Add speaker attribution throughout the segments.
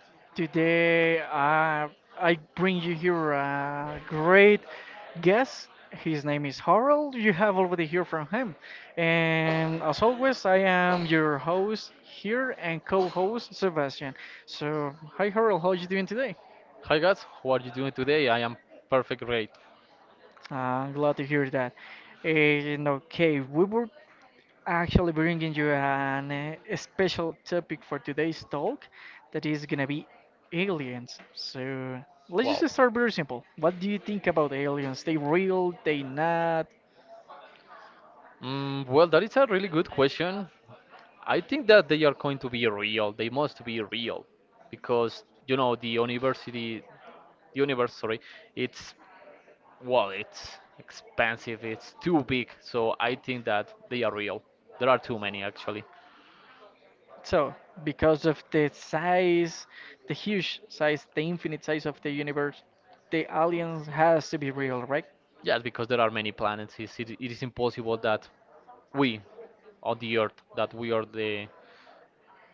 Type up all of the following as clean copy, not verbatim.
Speaker 1: Today I bring you here a great guest. His name is Harold. You have already heard from him. And as always, I am your host here and co host Sebastian. So, hi, Harold. How are you doing today?
Speaker 2: Hi guys, how are you doing today? I am perfect great.
Speaker 1: Glad to hear that. And okay, we were actually bringing you an, special topic for today's talk that is gonna be aliens. So let's
Speaker 2: Wow.
Speaker 1: just start very simple. What do you think about aliens? They real? They not?
Speaker 2: Well, that is a really good question. I think that they are going to be real. They must be real because the university, the universe, sorry, it's well, it's expensive. It's too big. So I think that they are real. There are too many actually.
Speaker 1: So because of the size, the huge size, the infinite size of the universe, the aliens has to be real, right?
Speaker 2: Yes, because there are many planets. It is impossible that we on the Earth, that we are the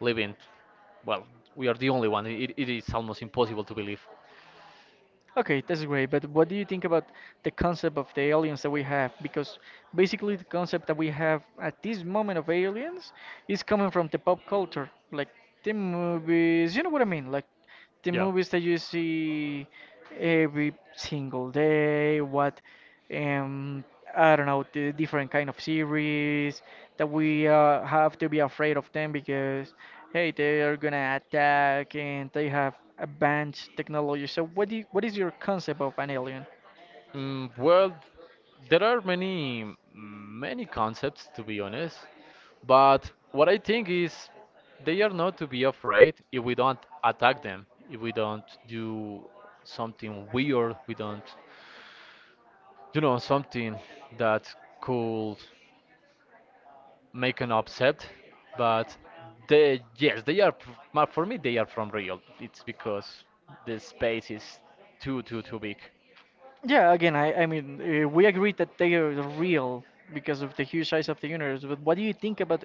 Speaker 2: living, well, we are the only one. It is almost impossible to believe.
Speaker 1: Okay, that's great. But what do you think about the concept of the aliens that we have? Because basically, the concept that we have at this moment of aliens is coming from the pop culture, like the movies. You know what I mean? Like the
Speaker 2: Yeah.
Speaker 1: movies that you see every single day. What? um, I don't know, the different kind of series that we have to be afraid of them because hey, they are gonna attack and they have advanced technology. So what do you, what is your concept of an alien?
Speaker 2: Well, there are many concepts to be honest, but what I think is they are not to be afraid if we don't attack them, if we don't do something weird, we don't, something that could make an upset. But they yes they are f- ma- for me they are from Real. It's because the space is too big.
Speaker 1: Yeah, again, I mean, we agree that they are real because of the huge size of the universe, but what do you think about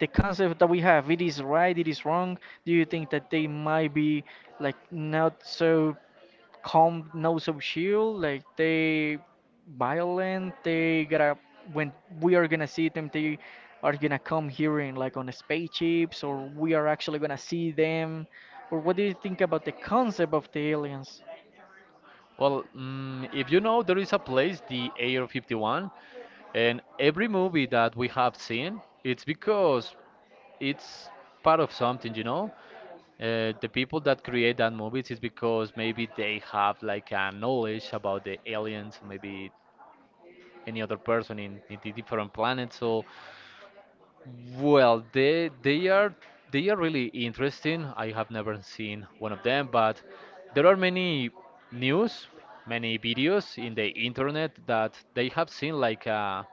Speaker 1: the concept that we have? It is right, it is wrong. Do you think that they might be like not so calm, no so chill. Like they violent. They gotta when we are gonna see them. They are gonna come here in like on spaceships, or we are actually gonna see them. Or what do you think about the concept of the aliens?
Speaker 2: Well, if you know, there is a place, the Air 51, and every movie that we have seen, it's because it's part of something, you know. The people that create that movies is because maybe they have like a knowledge about the aliens, maybe any other person in the different planets. So, well, they are really interesting. I have never seen one of them, but there are many news, many videos in the internet that they have seen like,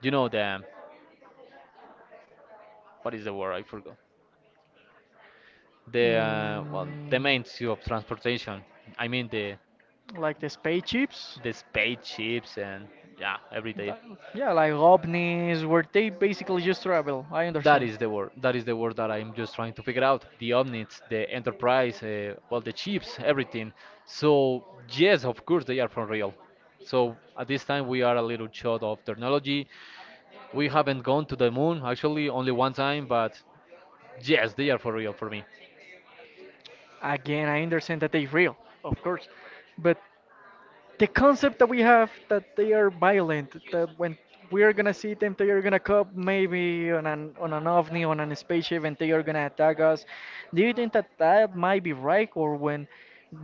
Speaker 2: you know, the what is the word? I forgot. The, well, the
Speaker 1: Mm,
Speaker 2: means of transportation. I mean the
Speaker 1: like the spaceships?
Speaker 2: the spaceships, and yeah, every day.
Speaker 1: Like- Yeah, like ovnis, where they basically just travel. I
Speaker 2: That
Speaker 1: understand.
Speaker 2: is the word. That is the word that I'm just trying to figure out. The omnits, the enterprise, well, the chips, everything. So yes, of course they are from real. So at this time we are a little short of technology. We haven't gone to the moon actually only one time, but yes, they are for real for me.
Speaker 1: Again, I understand that they're real, of course, but the concept that we have that they are violent, that when we are gonna see them, they are gonna come maybe on an ovni, on a spaceship, and they are gonna attack us. Do you think that that might be right, or when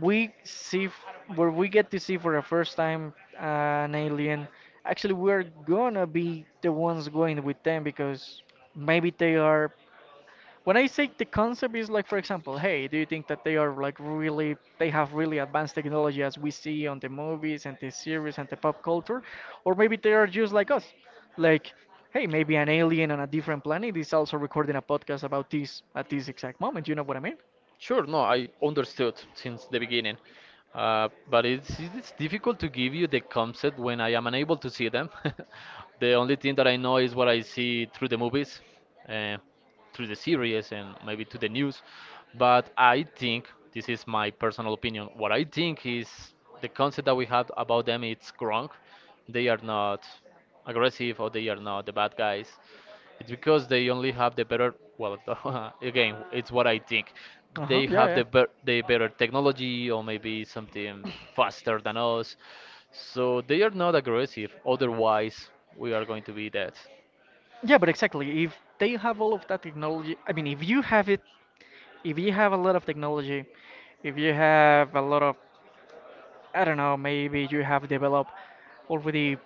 Speaker 1: we see, f- where we get to see for the first time an alien, actually we're gonna be the ones going with them because maybe they are when I say the concept is like, for example, hey, do you think that they are like really, they have really advanced technology as we see on the movies and the series and the pop culture? Or maybe they are just like us. Like, hey, maybe an alien on a different planet is also recording a podcast about this at this exact moment. You know what I mean?
Speaker 2: Sure, no, I understood since the beginning, but it's difficult to give you the concept when I am unable to see them. The only thing that I know is what I see through the movies, uh, through the series, and maybe to the news. But I think this is my personal opinion. What I think is the concept that we have about them it's wrong. They are not aggressive or they are not the bad guys. It's because they only have the better. Well, again, it's what I think.
Speaker 1: Uh huh.
Speaker 2: They have
Speaker 1: Yeah,
Speaker 2: the
Speaker 1: yeah.
Speaker 2: be the better technology, or maybe something faster than us. So they are not aggressive. Otherwise, we are going to be dead.
Speaker 1: Yeah, but exactly. If they have all of that technology, I mean, if you have it, if you have a lot of technology, if you have a lot of I don't know, maybe you have developed already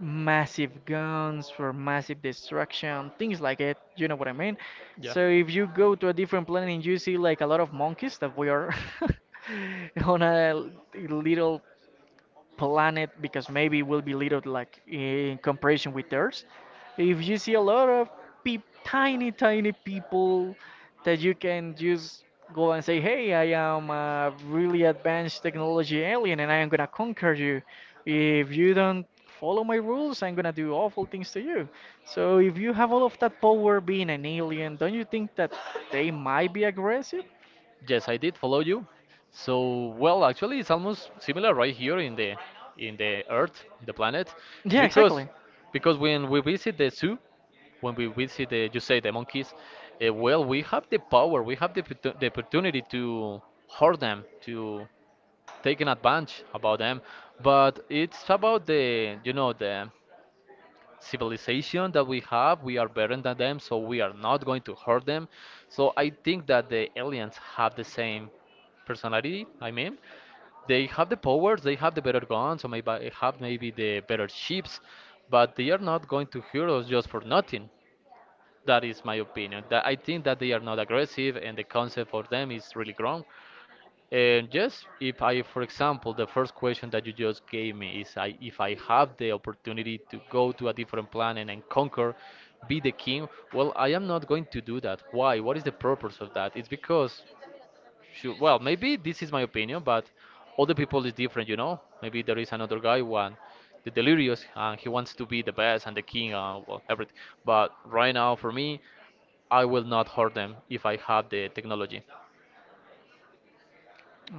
Speaker 1: massive guns for massive destruction, things like it, you know what I mean? So if you go to a different planet and you see like a lot of monkeys that we are on a little planet because maybe it will be little like in comparison with theirs. If you see a lot of peep, tiny, tiny people that you can just go and say, "Hey, I am a really advanced technology alien, and I am gonna conquer you. If you don't follow my rules, I'm gonna do awful things to you." So if you have all of that power being an alien, don't you think that they might be aggressive?
Speaker 2: Yes, I did follow you. So, well, actually, it's almost similar right here in the Earth, the planet. It's
Speaker 1: Yeah,
Speaker 2: because
Speaker 1: exactly.
Speaker 2: because when we visit the zoo, when we visit the, you say, the monkeys, well, we have the power, we have the opportunity to hurt them, to take an advantage about them. But it's about the, the civilization that we have. We are better than them, so we are not going to hurt them. So I think that the aliens have the same personality. I mean, they have the powers, they have the better guns, or maybe they have maybe the better ships, but they are not going to hurt us just for nothing. That is my opinion. That I think that they are not aggressive and the concept for them is really wrong. And yes, if I, for example, the first question that you just gave me is I, if I have the opportunity to go to a different planet and conquer, be the king, well, I am not going to do that. Why? What is the purpose of that? It's because, sure, well, maybe this is my opinion, but other people is different, you know? Maybe there is another guy, one, the delirious, and he wants to be the best and the king, well, everything. But right now, for me, I will not hurt them if I have the technology.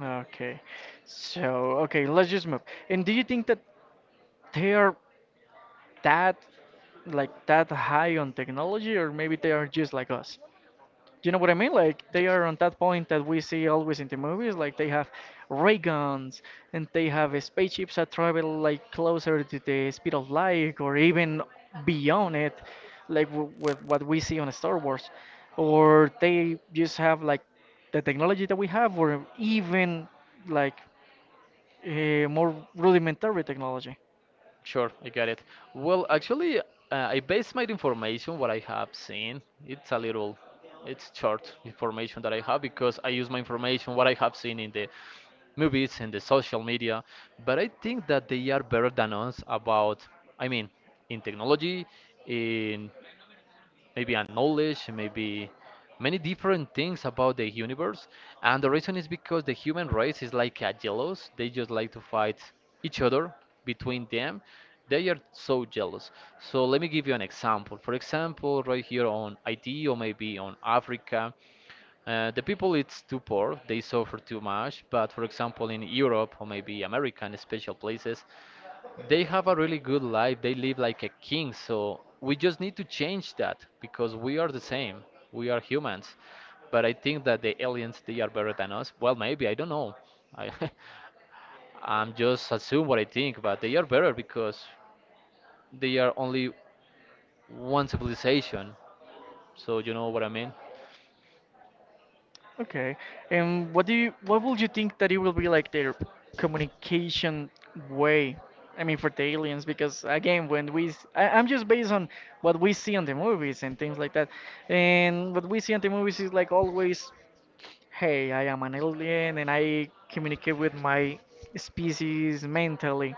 Speaker 1: Okay. So, okay, let's just move. And do you think that they are that like that high on technology or maybe they are just like us, you know what I mean, like they are on that point that we see always in the movies, like they have ray guns and they have spaceships that travel like closer to the speed of light or even beyond it, like with what we see on Star Wars, or they just have like the technology that we have or even like more rudimentary technology.
Speaker 2: Sure, I got it. Well, actually, I base my information what I have seen. It's a little, it's short information that I have because I use my information what I have seen in the movies and the social media. But I think that they are better than us about, I mean, in technology, in maybe a knowledge, maybe many different things about the universe. And the reason is because the human race is like a jealous. They just like to fight each other between them. They are so jealous. So let me give you an example. For example, right here on IT or maybe on Africa, the people it's too poor, they suffer too much. But for example, in Europe or maybe America, in special places, they have a really good life. They live like a king. So we just need to change that because we are the same. We are humans. But I think that the aliens they are better than us. Well, maybe I don't know. I I'm just assume what I think, but they are better because they are only one civilization. So you know what I mean?
Speaker 1: Okay. And what do you what would you think that it will be like their communication way? I mean, for the aliens, because again, when we I, am just based on what we see on the movies and things like that, and what we see on the movies is like always, hey, I am an alien and I communicate with my species mentally.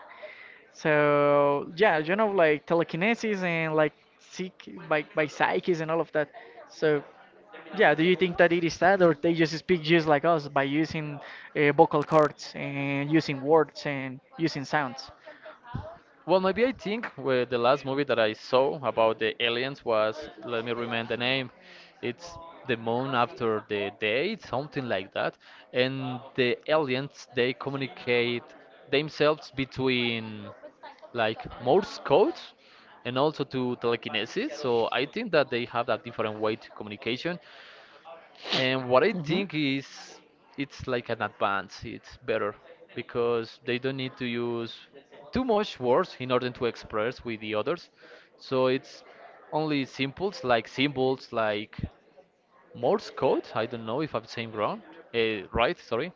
Speaker 1: So yeah, you know, like telekinesis and like psych by psyches and all of that. So yeah, do you think that it is that, or they just speak just like us by using vocal cords and using words and using sounds?
Speaker 2: Well, maybe I think, well, the last movie that I saw about the aliens was, let me remember the name, it's The Moon After the Day, something like that. And the aliens, they communicate themselves between like Morse code, and also to telekinesis. So I think that they have that different way to communication. And what I think is it's like an advance, it's better because they don't need to use too much words in order to express with the others. So it's only symbols, like symbols like Morse code. I don't know if I'm saying wrong, right, sorry.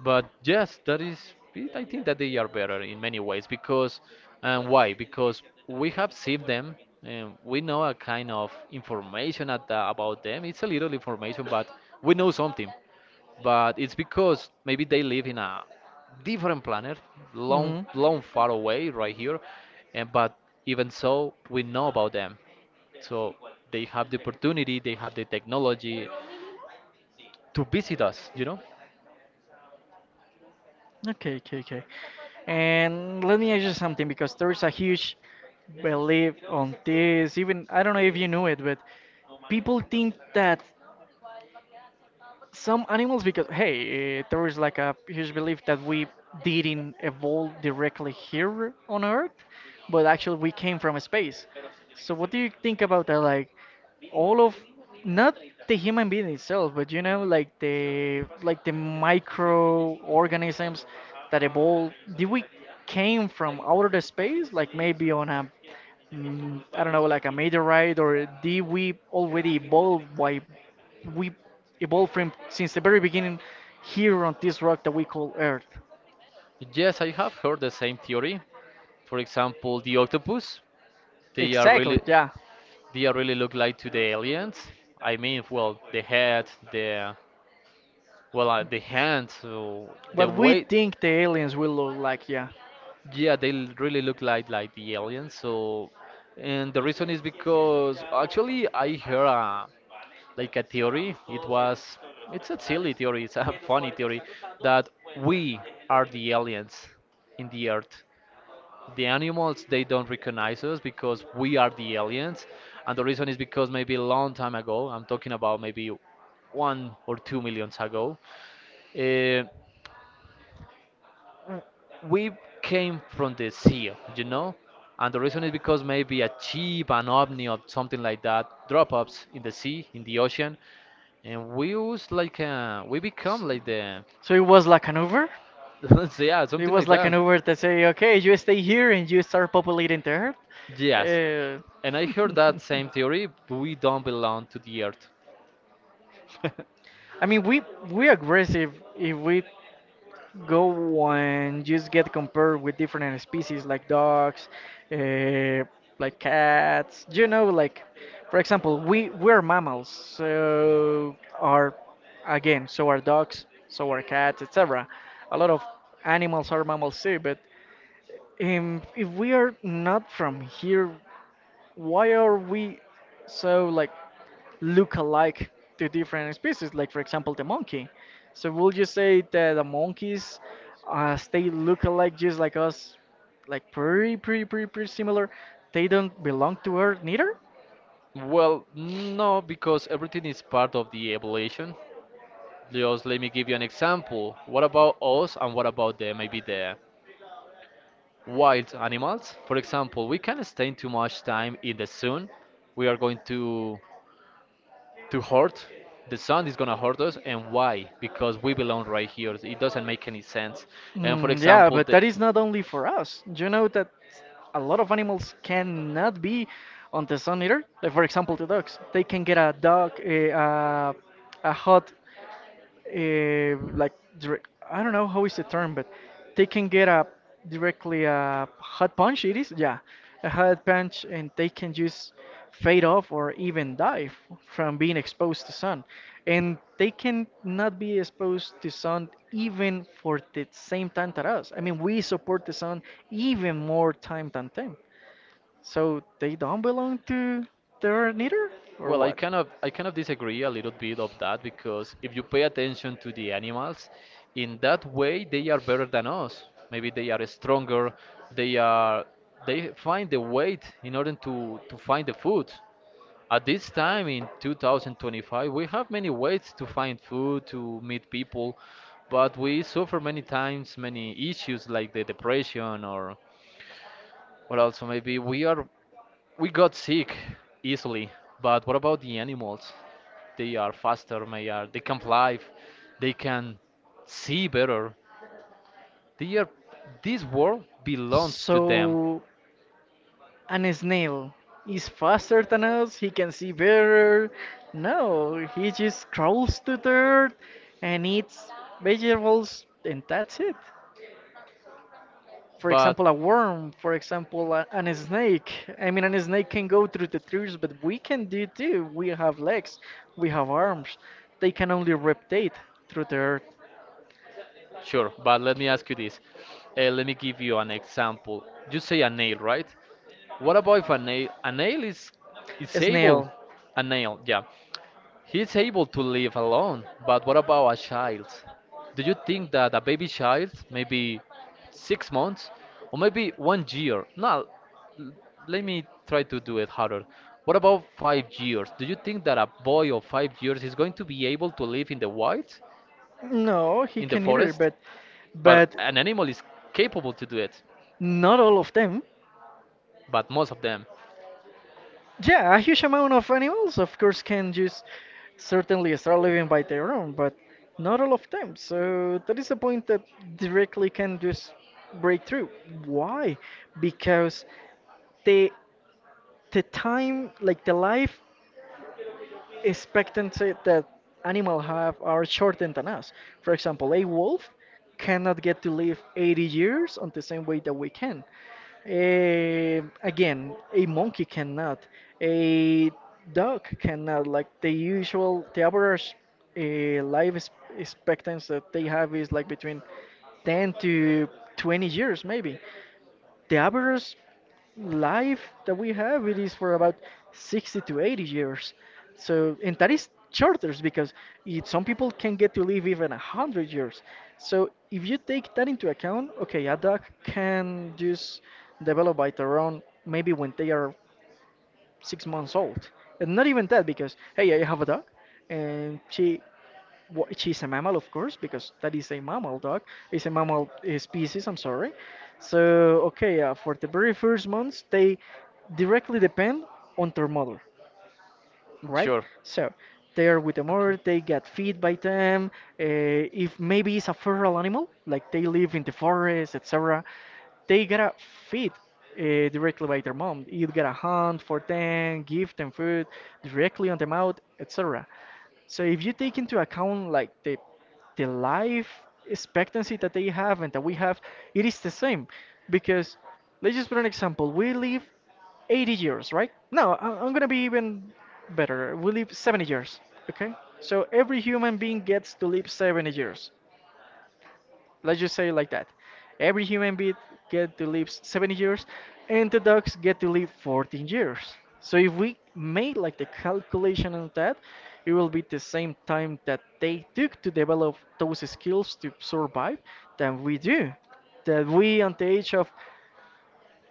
Speaker 2: But yes, that is. I think that they are better in many ways because, and why? Because we have seen them, and we know a kind of information at the, about them. It's a little information, but we know something. But it's because maybe they live in a different planet,
Speaker 1: Hmm,
Speaker 2: long,
Speaker 1: hmm.
Speaker 2: long far away, right here, and but even so, we know about them. So they have the opportunity, they have the technology to visit us, you know?
Speaker 1: Okay, okay, okay. And let me ask you something because there is a huge belief on this. Even I don't know if you knew it, but people think that some animals because hey, eh, there is like a huge belief that we didn't evolve directly here on Earth, but actually we came from space. So what do you think about that? Like all of not the human being itself, but you know like the microorganisms that evolved, did we came from outer space like maybe on a I don't know, like a meteorite, or did we already evolve by we evolved from since the very beginning here on this rock that we call Earth.
Speaker 2: Yes, I have heard the same theory. For example, the octopus, they are
Speaker 1: Exactly,
Speaker 2: really
Speaker 1: yeah.
Speaker 2: they are really look like to the aliens. I mean, well, the head, the, well, the hand, so the
Speaker 1: What we
Speaker 2: way,
Speaker 1: think the aliens will look like, yeah.
Speaker 2: yeah, they really look like the aliens. So, and the reason is because actually I heard a, like a theory. It was, it's a silly theory. It's a funny theory that we are the aliens in the earth. The animals they don't recognize us because we are the aliens, and the reason is because maybe a long time ago, I'm talking about maybe one or two millions ago, uh, we came from the sea, you know, and the reason is because maybe a chip, an ovni, or something like that drop ups in the sea, in the ocean, and we was like, we become like the
Speaker 1: So it was like an Uber.
Speaker 2: let's say, yeah,
Speaker 1: It
Speaker 2: something
Speaker 1: was
Speaker 2: like
Speaker 1: like an
Speaker 2: that.
Speaker 1: Uber that say, okay, you stay here and you start populating the Earth.
Speaker 2: Yes, and I heard that same theory, we don't belong to the earth.
Speaker 1: I mean, we aggressive if we go and just get compared with different species like dogs, uh, like cats. You know, like for example, we we're mammals, so our again, so are dogs, so are cats, etc. A lot of animals are mammals too, but if we are not from here, why are we so like? Look alike to different species, like for example the monkey. So would you say that the monkeys they look alike just like us, like pretty similar? They don't belong to Earth neither?
Speaker 2: Well, no, because everything is part of the evolution. Just let me give you an example. What about us and what about the maybe the wild animals? For example, we can stay too much time in the sun. We are going to hurt. The sun is gonna hurt us, and why? Because we belong right here. It doesn't make any sense. And for
Speaker 1: Mm, yeah,
Speaker 2: example,
Speaker 1: but
Speaker 2: the
Speaker 1: that is not only for us. You know that a lot of animals cannot be on the sun either. Like for example, the dogs. They can get a dog, a hot like direct, I don't know how is the term, but they can get a directly a hot punch. It is yeah, a hot punch, and they can just fade off or even die from being exposed to sun, and they can not be exposed to sun even for the same time that us. I mean, we support the sun even more time than them, so they don't belong to the Earth neither, or
Speaker 2: Well, I
Speaker 1: what?
Speaker 2: kind of disagree a little bit of that because if you pay attention to the animals, in that way they are better than us. Maybe they are stronger. They are they find the weight in order to find the food. At this time in 2025, we have many ways to find food, to meet people, but we suffer many times many issues like the depression or also maybe we got sick easily. But what about the animals? They are faster, they can fly, they can see better. They are this world belongs to them.
Speaker 1: So. An snail is faster than us, he can see better. No, he just crawls to dirt and eats vegetables, and that's it. For
Speaker 2: But
Speaker 1: example, a worm, for example, a, an snake. I mean, an snake can go through the trees, but we can do too. We have legs, we have arms. They can only reptate through the Earth.
Speaker 2: sure, but let me ask you this. Let me give you an example. You say a nail, right? What about if a nail? A nail
Speaker 1: A
Speaker 2: is able.
Speaker 1: snail,
Speaker 2: A nail, yeah. He's able to live alone, but what about a child? Do you think that a baby child, maybe 6 months or maybe 1 year? No, l- let me try to do it harder. What about 5 years? Do you think that a boy of 5 years is going to be able to live in the wild,
Speaker 1: no, he
Speaker 2: in the
Speaker 1: can either,
Speaker 2: forest? But
Speaker 1: but
Speaker 2: an animal is capable to do it,
Speaker 1: not all of them.
Speaker 2: but most of them,
Speaker 1: Yeah, a huge amount of animals, of course, can just certainly start living by their own, but not all of them. So that is a point that directly can just break through. Why? Because the the time, like the life expectancy that animals have are shorter than us. For example, a wolf cannot get to live 80 years on the same way that we can. Eh, again, a monkey cannot. A dog cannot. Like the usual, the average life expectancy that they have is like between 10 to 20 years, maybe. The average life that we have it is for about 60 to 80 years, so and that is shorters because it, some people can get to live even 100 years. So if you take that into account, okay, a dog can just develop by their own maybe when they are 6 months old, and not even that because hey, I have a dog and she she's a mammal, of course, because that is a mammal dog. It's a mammal species. I'm sorry. So okay, for the very first months, they directly depend on their mother, right?
Speaker 2: sure.
Speaker 1: So they're with the mother, they get fed by them. Uh, if maybe it's a feral animal, like they live in the forest, etc., they gotta feed directly by their mom. You gotta hunt for them, give them food directly on the mouth, etc. So if you take into account like the life expectancy that they have and that we have, it is the same. Because let's just put an example. We live 80 years, right? No, I'm gonna be even better. We live 70 years, okay? So every human being gets to live 70 years. Let's just say it like that. Every human being get to live 70 years, and the dogs get to live 14 years. So if we made like the calculation on that, it will be the same time that they took to develop those skills to survive than we do that we at the age of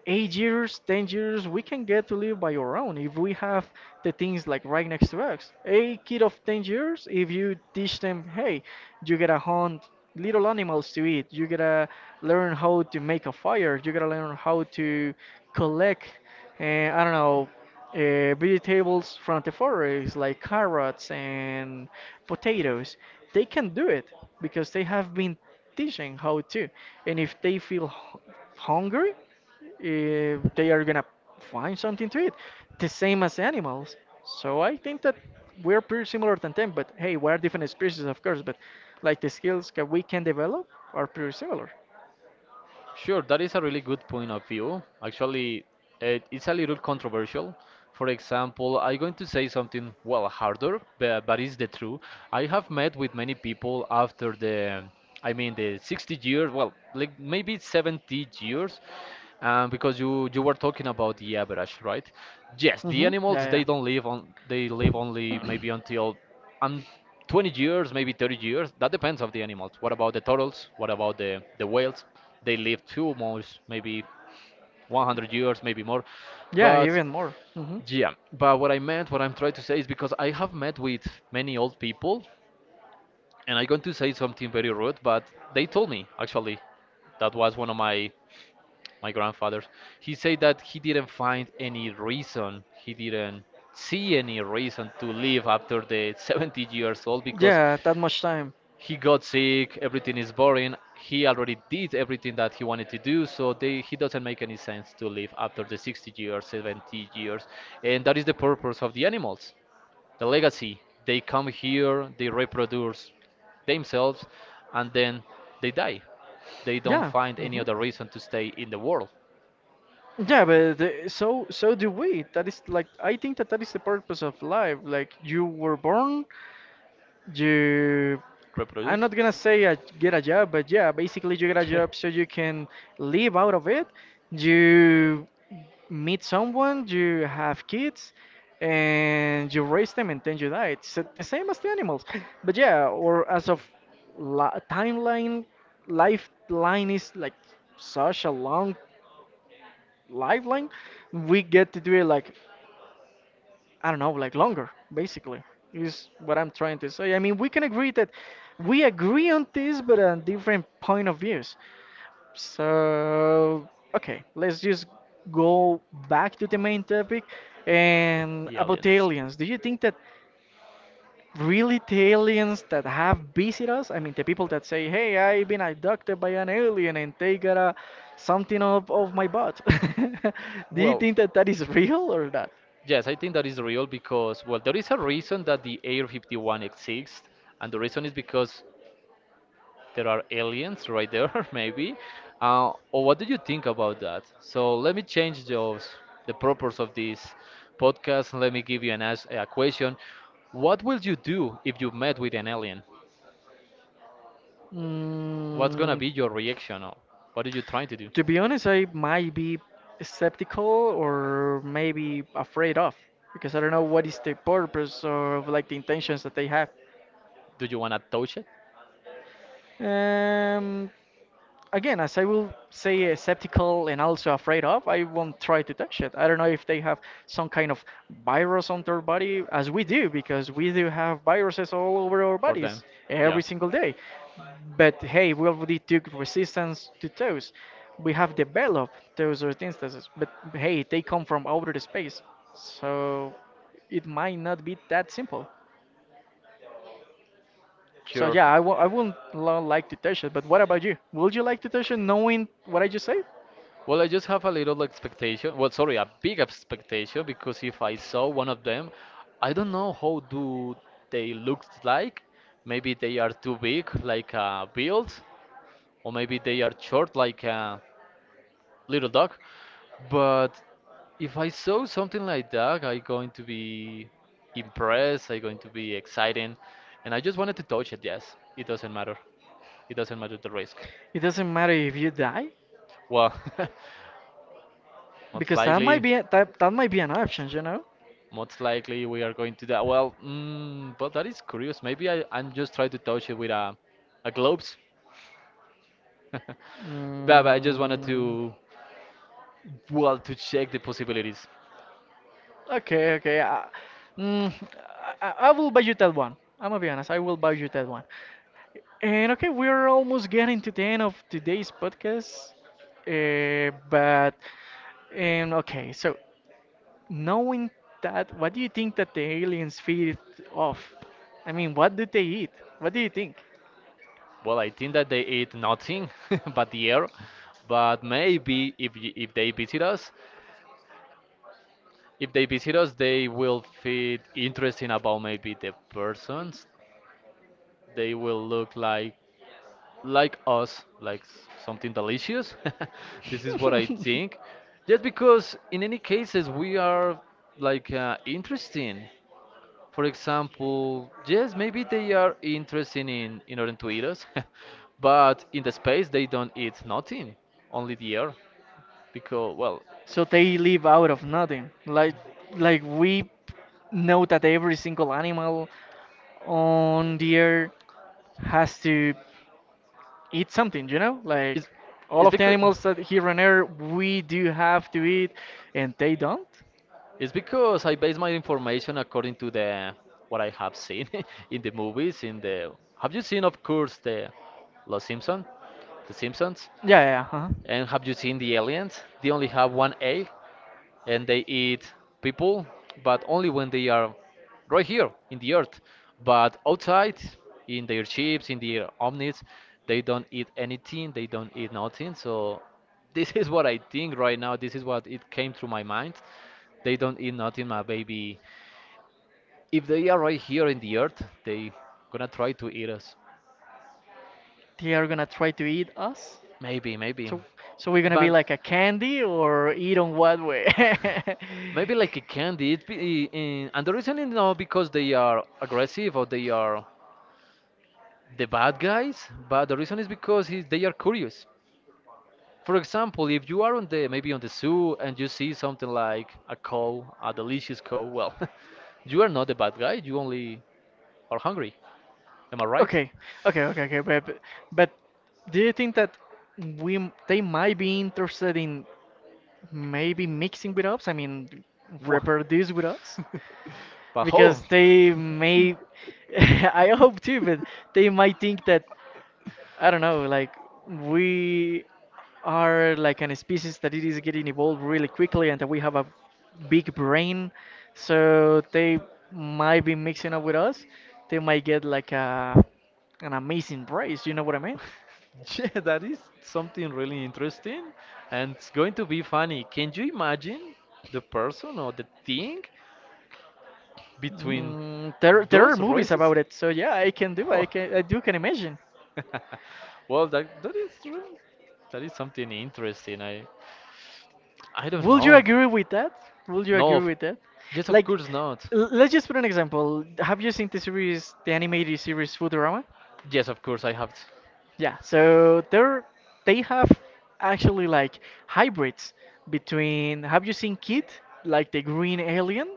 Speaker 1: 8 years, 10 years, we can get to live by our own if we have the things like right next to us. A kid of 10 years, if you teach them, hey, you gotta hunt little animals to eat, you gotta learn how to make a fire, you gotta learn how to collect, I don't know, vegetables from the forest like carrots and potatoes. They can do it because they have been teaching how to. And if they feel hungry, they are gonna find something to eat, the same as animals. So I think that we're pretty similar than them, but hey, we are different species, of course, but like the skills that we can develop are pretty similar.
Speaker 2: Sure, that is a really good point of view. Actually, it's a little controversial. For example, I'm going to say something, well, harder, but it's the truth. I have met with many people after I mean, the 60 years, well, like maybe 70 years, because you were talking about the average, right? Yes, the
Speaker 1: Hmm.
Speaker 2: animals they
Speaker 1: Yeah,
Speaker 2: don't
Speaker 1: yeah.
Speaker 2: live on, they live only maybe until 20 years, maybe 30 years. That depends of the animals. What about the turtles? What about the whales? They live too much, maybe 100 years, maybe more.
Speaker 1: Yeah,
Speaker 2: But
Speaker 1: even more. Hmm.
Speaker 2: yeah, but what I meant, what I'm trying to say is because I have met with many old people, and I'm going to say something very rude, but they told me actually that was one of my grandfathers. He said that he didn't find any reason, he didn't see any reason to live after the 70 years old because
Speaker 1: Yeah, that much time.
Speaker 2: he got sick, everything is boring. He already did everything that he wanted to do, so he doesn't make any sense to live after the 60 years, 70 years. And that is the purpose of the animals, the legacy. They come here, they reproduce themselves, and then they die. They don't
Speaker 1: Yeah.
Speaker 2: find any
Speaker 1: Hmm.
Speaker 2: other reason to stay in the world.
Speaker 1: Yeah, but so do we. That is like I think that that is the purpose of life. Like you were born, you I'm
Speaker 2: Reproduce?
Speaker 1: not gonna say get a job, but yeah, basically you get a job so you can live out of it. You meet someone, you have kids, and you raise them, and then you die. It's the same as the animals. But yeah, or as of timeline, lifeline is like such a long lifeline. We get to do it like I don't know, like longer, basically, is what I'm trying to say. I mean, we can agree that we agree on this, but on different point of views. So, okay, let's just go back to the main topic and
Speaker 2: The
Speaker 1: about the
Speaker 2: aliens.
Speaker 1: aliens. Do you think that really the aliens that have visited us, I mean, the people that say, hey, I've been abducted by an alien and they got a, something of my butt, do you
Speaker 2: Well,
Speaker 1: think that that is real or not?
Speaker 2: yes, I think that is real because, well, there is a reason that the Air 51 exists, and the reason is because there are aliens right there, maybe. Or what do you think about that? So let me change those, the purpose of this podcast. Let me give you an ask, a question. What will you do if you met with an alien? What's gonna
Speaker 1: Mm,
Speaker 2: be your reaction, or what are you trying to do?
Speaker 1: to be honest, I might be skeptical or maybe afraid of because I don't know what is the purpose or like the intentions that they have.
Speaker 2: Do you wanna touch it
Speaker 1: Um, Again, as I will say, skeptical and also afraid of, I won't try to touch it. I don't know if they have some kind of virus on their body, as we do, because we do have viruses all over our
Speaker 2: for them?
Speaker 1: bodies
Speaker 2: Yeah,
Speaker 1: every single day. But hey, we already took resistance to those. We have developed those instances, but hey, they come from outer space, so it might not be that simple. So
Speaker 2: sure.
Speaker 1: yeah, I wouldn't like to touch it. But what about you? Would you like to touch it, knowing what I just said?
Speaker 2: Well, I just have a little expectation. Well, sorry, a big expectation because if I saw one of them, I don't know how do they look like. Maybe they are too big, like a build, or maybe they are short, like a little dog. But if I saw something like that, I going to be impressed. I going to be exciting, and I just wanted to touch it. Yes, it doesn't matter. It doesn't matter the risk.
Speaker 1: It doesn't matter if you die,
Speaker 2: Well, most
Speaker 1: because that might
Speaker 2: likely.
Speaker 1: be a, that, that might be an option, you know?
Speaker 2: Most likely we are going to that. Well, mm, but that is curious. Maybe I'm just trying to touch it with a gloves. But I just wanted
Speaker 1: Mm,
Speaker 2: to, well, to check the possibilities.
Speaker 1: okay, okay. I I will buy you that one. I'm gonna be honest, I will buy you that one. And okay, we're almost getting to the end of today's podcast. Uh, but, and okay, so knowing that, what do you think that the aliens feed off? I mean, what do they eat? What do you think?
Speaker 2: Well, I think that they eat nothing but the air. But maybe if they visit us, if they visit us, they will feel interesting about maybe the persons. They will look like us, something delicious. This is what I think. Just because in any cases we are like interesting. For example, yes, maybe they are interesting in order to eat us, but in the space they don't eat nothing, only the air. Because well,
Speaker 1: So they live out of nothing. Like we know that every single animal on the earth has to eat something, you know? Like
Speaker 2: it's
Speaker 1: all
Speaker 2: it's
Speaker 1: of the
Speaker 2: because.
Speaker 1: animals that here on earth we do have to eat and they don't.
Speaker 2: It's because I base my information according to the what I have seen in the movies. In the have you seen, of course, the Los Simpson, The Simpsons,
Speaker 1: Yeah, yeah, huh?
Speaker 2: and have you seen the Aliens? They only have one A, and they eat people, but only when they are right here in the earth. But outside, in their ships, in their omnis, they don't eat anything, they don't eat nothing. So this is what I think right now. This is what it came through my mind. They don't eat nothing, my baby. If they are right here in the earth, they gonna try to eat us.
Speaker 1: They are gonna try to eat us.
Speaker 2: Maybe, maybe.
Speaker 1: So so we're gonna be
Speaker 2: But
Speaker 1: like a candy or eat on what way?
Speaker 2: maybe like a candy. It be, in, and the reason is not because they are aggressive or they are the bad guys but the reason is because they are curious for example if you are on the maybe on the zoo and you see something like a cow a delicious cow well you are not the bad guy you only are hungry am I right.
Speaker 1: Okay, okay, okay, okay, but do you think that they might be interested in maybe mixing with us? I mean,
Speaker 2: Wha-
Speaker 1: reproduce with us
Speaker 2: but how?
Speaker 1: because they may. I hope too, but they might think that I don't know, like we are like an species that it is getting evolved really quickly and that we have a big brain, so they might be mixing up with us. They might get like a an amazing prize, you know what I mean?
Speaker 2: Yeah, that is something really interesting and it's going to be funny. Can you imagine the person or the thing between
Speaker 1: Mm, there are
Speaker 2: those
Speaker 1: movies
Speaker 2: races?
Speaker 1: about it, so yeah, I can do,
Speaker 2: Oh,
Speaker 1: I can I do can imagine.
Speaker 2: well, that is true. That is something interesting. I don't
Speaker 1: Would you
Speaker 2: know.
Speaker 1: agree with that? Would you
Speaker 2: No,
Speaker 1: agree with that?
Speaker 2: yes, of
Speaker 1: Like,
Speaker 2: course not.
Speaker 1: let's just put an example. Have you seen the series, the animated series Futurama?
Speaker 2: Yes, of course I have.
Speaker 1: Yeah, so they're they have actually like hybrids between have you seen Kid, like the green alien,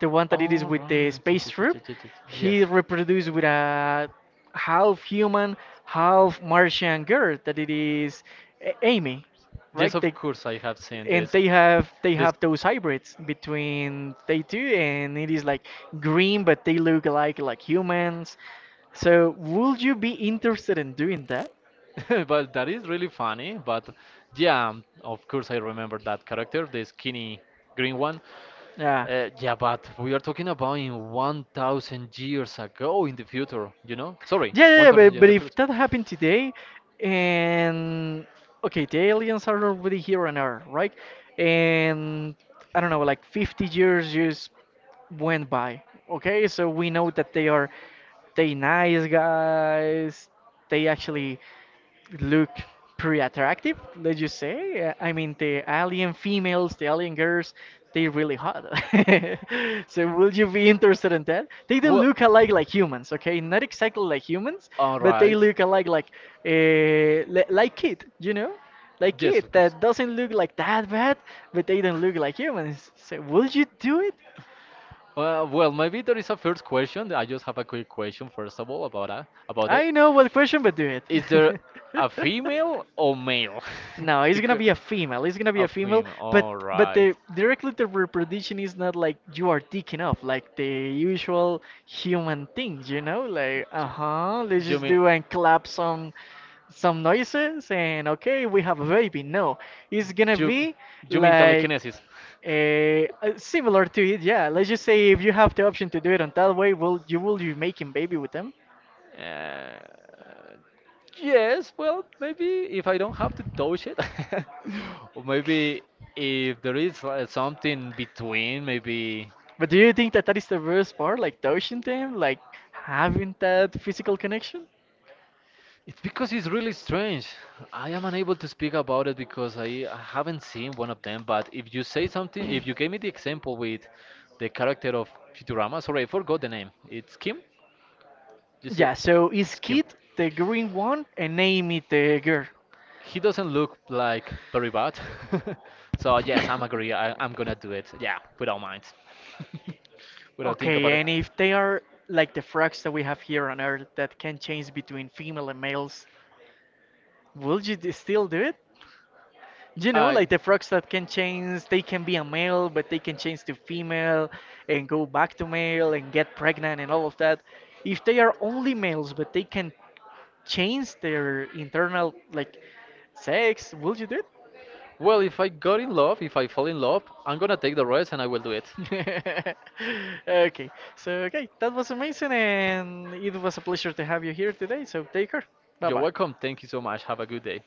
Speaker 1: the one that it is
Speaker 2: All
Speaker 1: with the
Speaker 2: right. Yes,
Speaker 1: space
Speaker 2: yes, yes,
Speaker 1: troop?
Speaker 2: yes, yes. yes.
Speaker 1: He
Speaker 2: Yes,
Speaker 1: reproduced with a half human, half Martian girl that it is Amy,
Speaker 2: yes,
Speaker 1: right?
Speaker 2: of
Speaker 1: They,
Speaker 2: course I have seen
Speaker 1: and
Speaker 2: this.
Speaker 1: they
Speaker 2: This
Speaker 1: have those hybrids between they two and it is like green but they look like humans. So would you be interested in doing that?
Speaker 2: but that is really funny. But yeah, of course I remember that character, the skinny green one.
Speaker 1: Yeah.
Speaker 2: Yeah, but we are talking about in 1,000 years ago in the future, you know? Sorry,
Speaker 1: Yeah, yeah, yeah,
Speaker 2: 1,000 years
Speaker 1: but
Speaker 2: in the
Speaker 1: if
Speaker 2: future.
Speaker 1: that happened today, and okay, the aliens are already here on Earth, right? And I don't know, like 50 years just went by. Okay, so we know that they are they nice guys. They actually look pretty attractive, let's just say. I mean, the alien females, the alien girls, they're really hot. So, will you be interested in that? They don't look alike like humans, okay? Not exactly like humans,
Speaker 2: All
Speaker 1: but they
Speaker 2: but
Speaker 1: look
Speaker 2: they
Speaker 1: alike like uh, like kid, you know? Like kid that doesn't look like that bad, but they don't look like humans. So, will you do it?
Speaker 2: uh, well, maybe there is a first question. I just have a quick question, first of all, about that, about
Speaker 1: I know what question, but do it.
Speaker 2: is there a female or male?
Speaker 1: No, it's gonna
Speaker 2: Because
Speaker 1: be a female. It's gonna be a
Speaker 2: a
Speaker 1: female,
Speaker 2: female. All
Speaker 1: but
Speaker 2: right.
Speaker 1: the directly the reproduction is not like you are taking off like the usual human things, you know? Like, uh-huh,
Speaker 2: You
Speaker 1: let's
Speaker 2: you
Speaker 1: just
Speaker 2: mean
Speaker 1: do and clap some noises and okay, we have a baby. No, it's gonna
Speaker 2: you
Speaker 1: be
Speaker 2: you mean
Speaker 1: like
Speaker 2: telekinesis?
Speaker 1: similar to it. Yeah, let's just say if you have the option to do it on that way, will you will be making baby with them?
Speaker 2: Uh, yes, well, maybe if I don't have to touch it, or maybe if there is something between, maybe
Speaker 1: But do you think that that is the worst part, like touching them, like having that physical connection?
Speaker 2: it's because it's really strange. I am unable to speak about it because I haven't seen one of them. But if you say something, if you gave me the example with the character of Futurama, sorry, I forgot the name. It's Kim? You say
Speaker 1: Yeah, so is
Speaker 2: it's Kim.
Speaker 1: Kid the green one and Amy the girl?
Speaker 2: He doesn't look like very bad. So yes, I'm agree. I'm gonna do it. Yeah, without mind, without think about
Speaker 1: Okay,
Speaker 2: it.
Speaker 1: and if they are like the frogs that we have here on Earth that can change between female and males, will you still do it? You know, like the frogs that can change, they can be a male, but they can change to female and go back to male and get pregnant and all of that. If they are only males, but they can change their internal like sex, will you do it?
Speaker 2: Well, if I got in love, if I fall in love, I'm gonna take the rest and I will do it.
Speaker 1: Okay, so okay, that was amazing, and it was a pleasure to have you here today. So take care. Bye
Speaker 2: You're
Speaker 1: bye.
Speaker 2: welcome. Thank you so much. Have a good day.